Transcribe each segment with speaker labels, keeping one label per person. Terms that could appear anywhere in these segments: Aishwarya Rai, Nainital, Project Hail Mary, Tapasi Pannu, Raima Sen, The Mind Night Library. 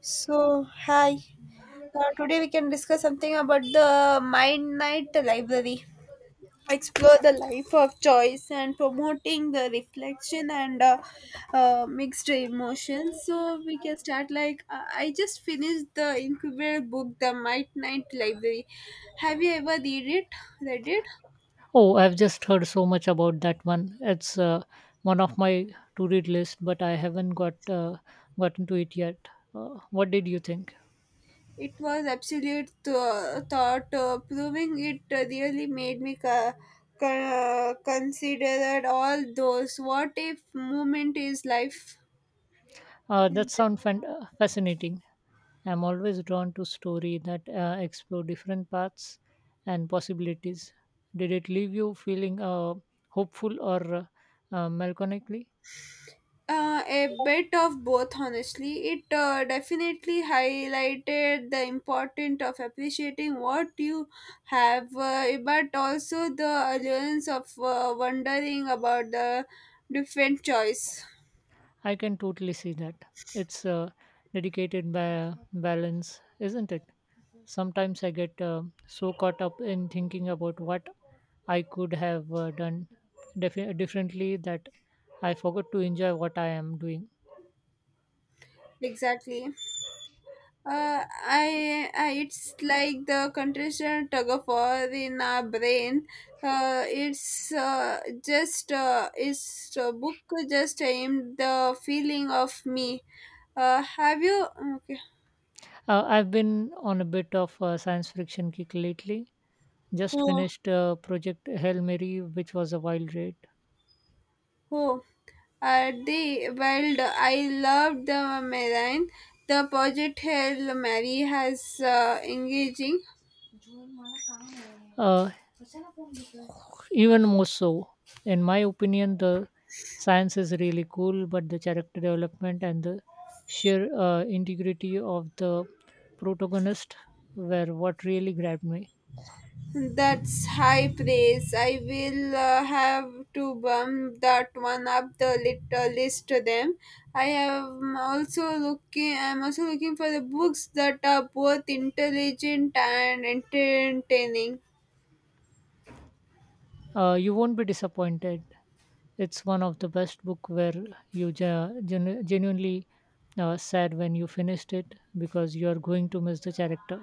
Speaker 1: So, hi. Today we can discuss something about the Mind Night Library. Explore the life of choice and promoting the reflection and mixed emotions. So we can start. I just finished the incubator book, The Mind Night Library. Have you ever read it? Read it?
Speaker 2: Oh, I've just heard so much about that one. It's one of my to-read list, but I haven't gotten to it yet. What did you think?
Speaker 1: It was absolute th- thought proving it really made me consider all those what if moment is life
Speaker 2: That sounds fascinating. I'm always drawn to story that explore different paths and possibilities. Did it leave you feeling hopeful or melancholically?
Speaker 1: a bit of both, honestly. It definitely highlighted the importance of appreciating what you have, but also the allurance of wondering about the different choice.
Speaker 2: I can totally see that. It's dedicated by balance, isn't it? Sometimes I get so caught up in thinking about what I could have done differently that I forgot to enjoy what I am doing.
Speaker 1: Exactly. I it's like the contraction tug of war in our brain. Uh, it's uh, it's a book just aimed the feeling of me. Have you okay?
Speaker 2: I've been on a bit of a science fiction kick lately. Just
Speaker 1: Oh,
Speaker 2: finished Project Hail Mary, which was a wild ride.
Speaker 1: oh. The well, I loved the marine. The project Hail Mary has engaging.
Speaker 2: Uh, even more so in my opinion, the science is really cool, but the character development and the sheer integrity of the protagonist were what really grabbed me.
Speaker 1: That's high praise. I will have to bump that one up the little list to them. I am also looking. I'm also looking for the books that are both intelligent and entertaining.
Speaker 2: You won't be disappointed. It's one of the best book where you genuinely sad when you finished it because you are going to miss the character.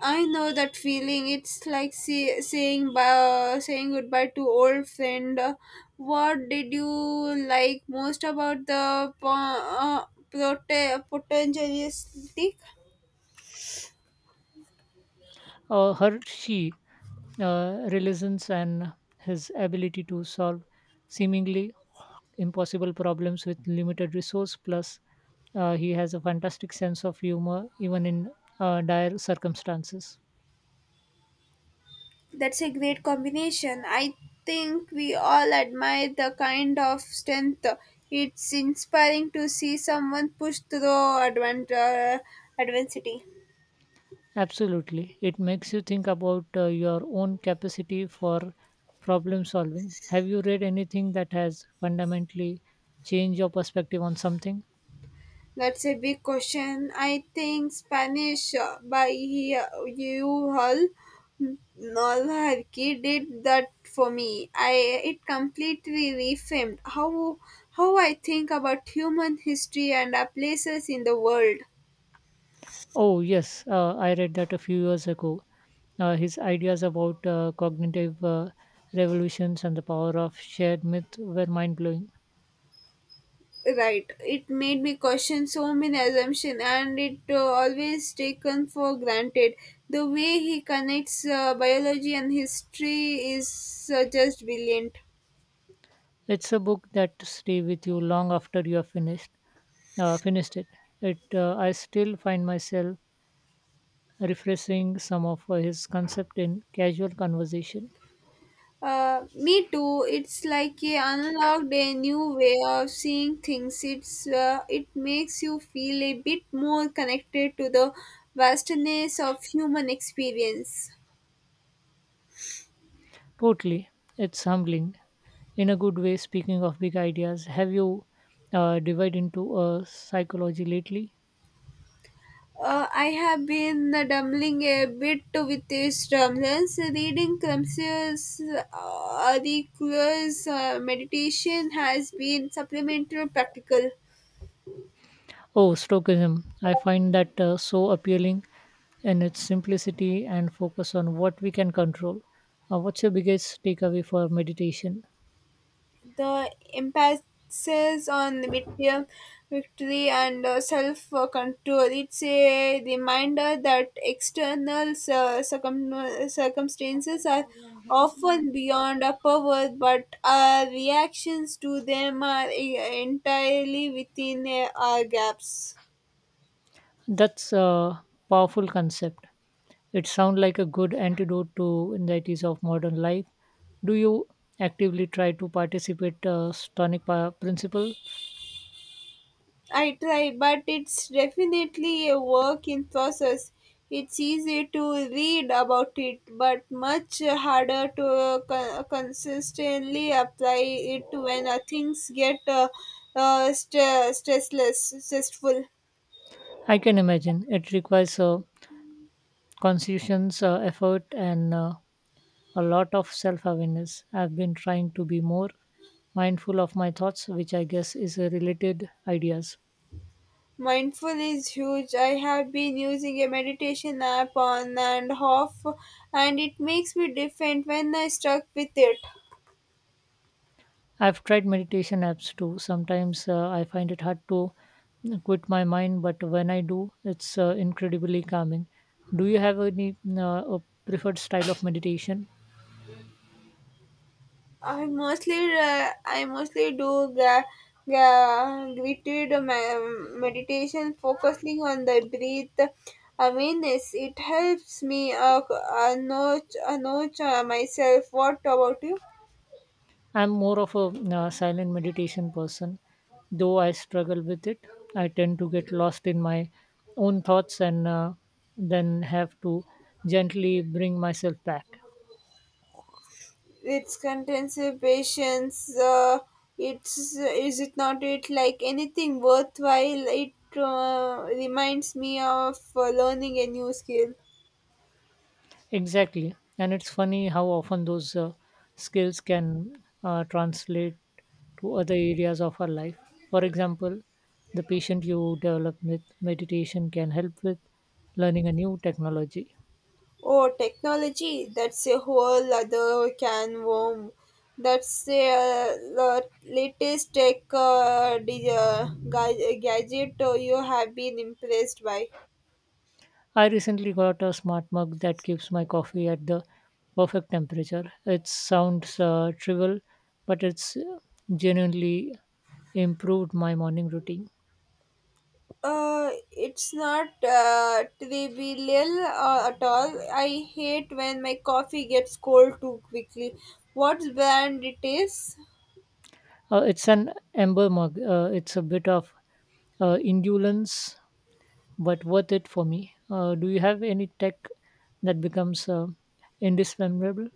Speaker 1: I know that feeling. It's like saying saying goodbye to old friend. What did you like most about the potentialistic?
Speaker 2: Her she religions and his ability to solve seemingly impossible problems with limited resource plus he has a fantastic sense of humor even in dire circumstances.
Speaker 1: That's a great combination. I think we all admire the kind of strength. It's inspiring to see someone push through adversity.
Speaker 2: Absolutely, it makes you think about your own capacity for problem solving. Have you read anything that has fundamentally changed your perspective on something?
Speaker 1: That's a big question. I think Spanish by you all Nolharki did that for me. I It completely reframed how I think about human history and our places in the world.
Speaker 2: Oh, yes, I read that a few years ago. His ideas about cognitive revolutions and the power of shared myth were mind blowing.
Speaker 1: Right, it made me question so many assumptions and it always taken for granted the way he connects biology and history is just brilliant.
Speaker 2: It's a book that stay with you long after you have finished it. I still find myself refreshing some of his concept in casual conversation.
Speaker 1: Me too, it's like he unlocked a new way of seeing things. It makes you feel a bit more connected to the vastness of human experience.
Speaker 2: Totally, it's humbling in a good way. Speaking of big ideas, have you divided into psychology lately?
Speaker 1: I have been dumbling a bit with these drumless reading Crumps's Auricula's meditation has been supplemental practical.
Speaker 2: Oh, Stoicism. I find that so appealing in its simplicity and focus on what we can control. What's your biggest takeaway for meditation?
Speaker 1: The emphasis on victory and self control. It's a reminder that external circumstances are often beyond our power, but our reactions to them are entirely within our gaps.
Speaker 2: That's a powerful concept. It sounds like a good antidote to anxieties of modern life. Do you actively try to participate Stonic principle?
Speaker 1: I try, but it's definitely a work in process. It's easy to read about it, but much harder to consistently apply it when things get stressful.
Speaker 2: I can imagine it requires a conscious effort and a lot of self awareness. I've been trying to be more mindful of my thoughts, which I guess is a related ideas.
Speaker 1: Mindful is huge. I have been using a meditation app on and off, and it makes me different when I stuck with it.
Speaker 2: I've tried meditation apps too. Sometimes I find it hard to quit my mind, but when I do, it's incredibly calming. Do you have any a preferred style of meditation?
Speaker 1: I mostly do gritted meditation, focusing on the breath awareness. It helps me know myself. What about you?
Speaker 2: I'm more of a silent meditation person, though I struggle with it. I tend to get lost in my own thoughts and then have to gently bring myself back.
Speaker 1: It's intensive patience. It's is it not it like anything worthwhile? It reminds me of learning a new skill.
Speaker 2: Exactly. And it's funny how often those skills can translate to other areas of our life. For example, the patient you develop with meditation can help with learning a new technology.
Speaker 1: Oh, technology, that's a whole other can worm. That's the latest tech gadget you have been impressed by.
Speaker 2: I recently got a smart mug that keeps my coffee at the perfect temperature. It sounds trivial, but it's genuinely improved my morning routine.
Speaker 1: It's not trivial at all. I hate when my coffee gets cold too quickly. What brand it is?
Speaker 2: It's an amber mug. It's a bit of indulgence, but worth it for me. Do you have any tech that becomes indispensable?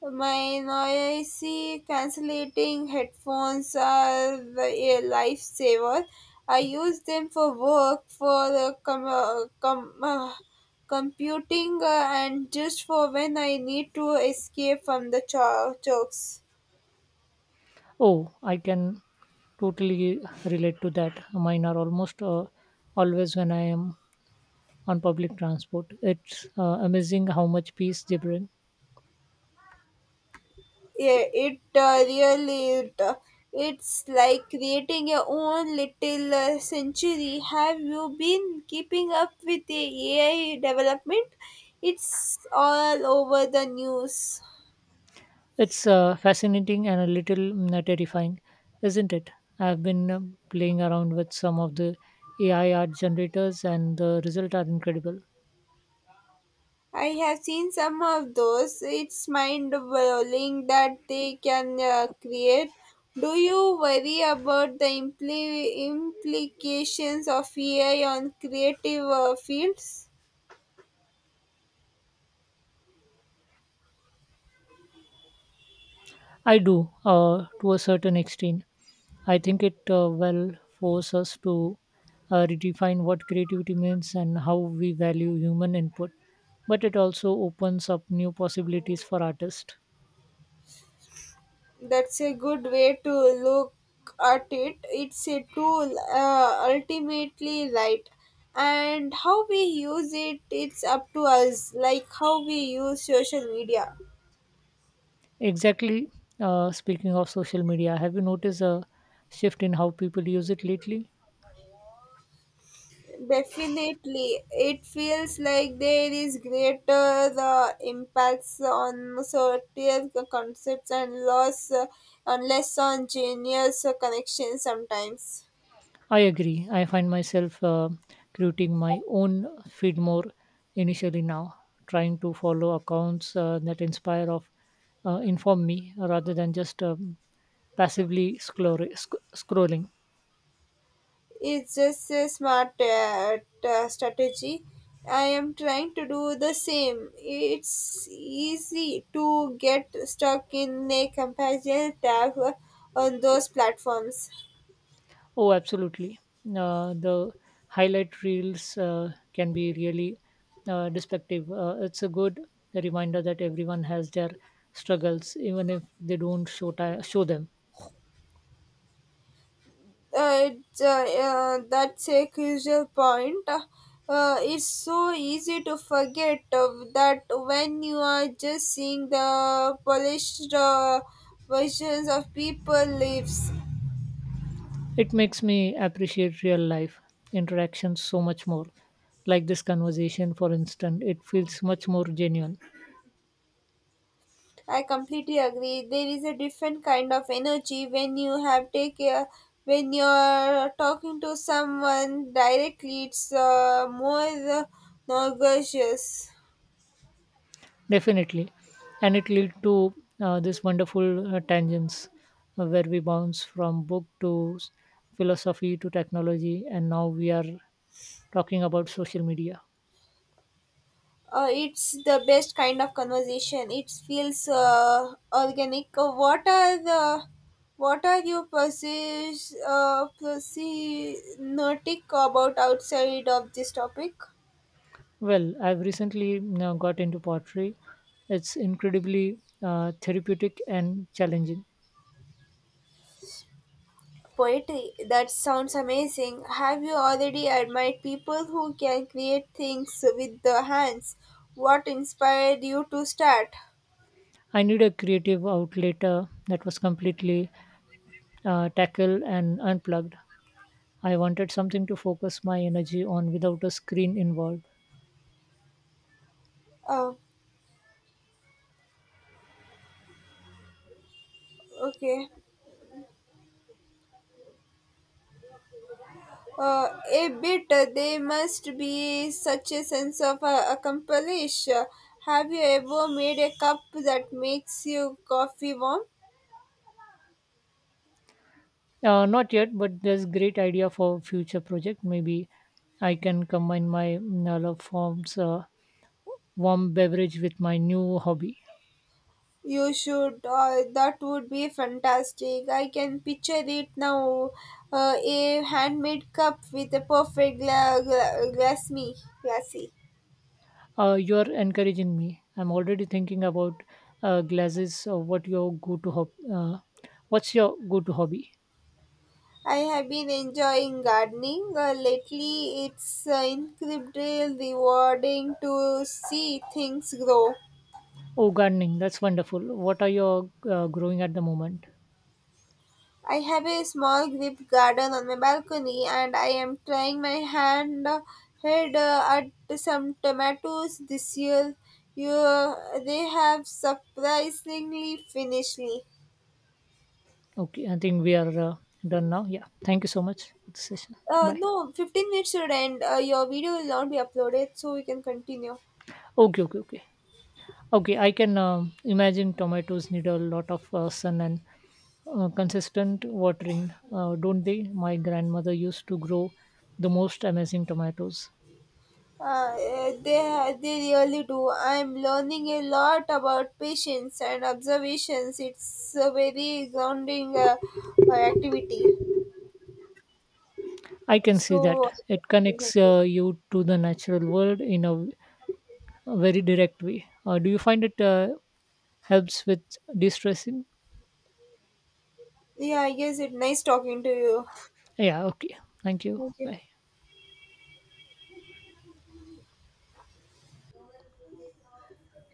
Speaker 1: My noisy cancellating headphones are a lifesaver. I use them for work, for computing, and just for when I need to escape from the chokes.
Speaker 2: Oh, I can totally relate to that. Mine are almost always when I am on public transport. It's amazing how much peace they bring.
Speaker 1: Yeah, it's like creating your own little century. Have you been keeping up with the AI development? It's all over the news.
Speaker 2: It's fascinating and a little terrifying, isn't it? I've been playing around with some of the AI art generators, and the results are incredible.
Speaker 1: I have seen some of those. It's mind blowing that they can create. Do you worry about the implications of AI on creative fields?
Speaker 2: I do, to a certain extent. I think it will force us to redefine what creativity means and how we value human input, but it also opens up new possibilities for artists.
Speaker 1: That's a good way to look at it. It's a tool, ultimately, right? And how we use it, it's up to us, like how we use social media.
Speaker 2: Exactly. Speaking of social media, have you noticed a shift in how people use it lately?
Speaker 1: Definitely, it feels like there is greater the impacts on certain concepts and loss and less on genius connections sometimes.
Speaker 2: I agree. I find myself creating my own feed more initially now, trying to follow accounts that inspire of inform me rather than just passively scrolling.
Speaker 1: It's just a smart strategy. I am trying to do the same. It's easy to get stuck in a comparison tab on those platforms.
Speaker 2: Oh, absolutely. The highlight reels can be really destructive. It's a good reminder that everyone has their struggles, even if they don't show them.
Speaker 1: That's a crucial point. It's so easy to forget that when you are just seeing the polished versions of people lives.
Speaker 2: It makes me appreciate real life interactions so much more. Like this conversation, for instance, it feels much more genuine.
Speaker 1: I completely agree. There is a different kind of energy when you have take a, when you're talking to someone directly. It's more nauseous.
Speaker 2: Definitely. And it lead to this wonderful tangents where we bounce from philosophy to technology, and now we are talking about social media.
Speaker 1: It's the best kind of conversation. It feels organic. What are the what are you persis notic about outside of this topic?
Speaker 2: Well, I've recently got into pottery. It's incredibly therapeutic and challenging.
Speaker 1: Poetry, that sounds amazing. Have you already admired people who can create things with their hands? What inspired you to start?
Speaker 2: I need a creative outlet that was completely tackle and unplugged. I wanted something to focus my energy on without a screen involved.
Speaker 1: Oh, okay. There must be such a sense of accomplish. Have you ever made a cup that makes your coffee warm?
Speaker 2: Not yet, but there's great idea for future project. Maybe I can combine my love forms warm beverage with my new hobby.
Speaker 1: You should. That would be fantastic. I can picture it now. A handmade cup with a perfect glassy. Glassy.
Speaker 2: You're encouraging me. I'm already thinking about glasses. Or what's your go-to hobby?
Speaker 1: I have been enjoying gardening lately. It's incredibly rewarding to see things grow.
Speaker 2: Oh, gardening. That's wonderful. What are you growing at the moment?
Speaker 1: I have a small grip garden on my balcony and I am trying my hand head at some tomatoes this year. You, they have surprisingly finishly.
Speaker 2: Okay, I think we are done now. Yeah. Thank you so much for the session. Bye.
Speaker 1: No, 15 minutes should end. Your video will not be uploaded, so we can continue.
Speaker 2: Okay, okay, okay. Okay, I can imagine tomatoes need a lot of sun and consistent watering, don't they? My grandmother used to grow the most amazing tomatoes.
Speaker 1: They really do. I'm learning a lot about patience and observations. It's a very grounding activity.
Speaker 2: I can see that.
Speaker 1: So,
Speaker 2: It connects you to the natural world in a very direct way. Do you find it helps with de stressing?
Speaker 1: yeah, I guess it's nice talking to you.
Speaker 2: Yeah, okay. Thank you.
Speaker 1: Okay.
Speaker 2: Bye.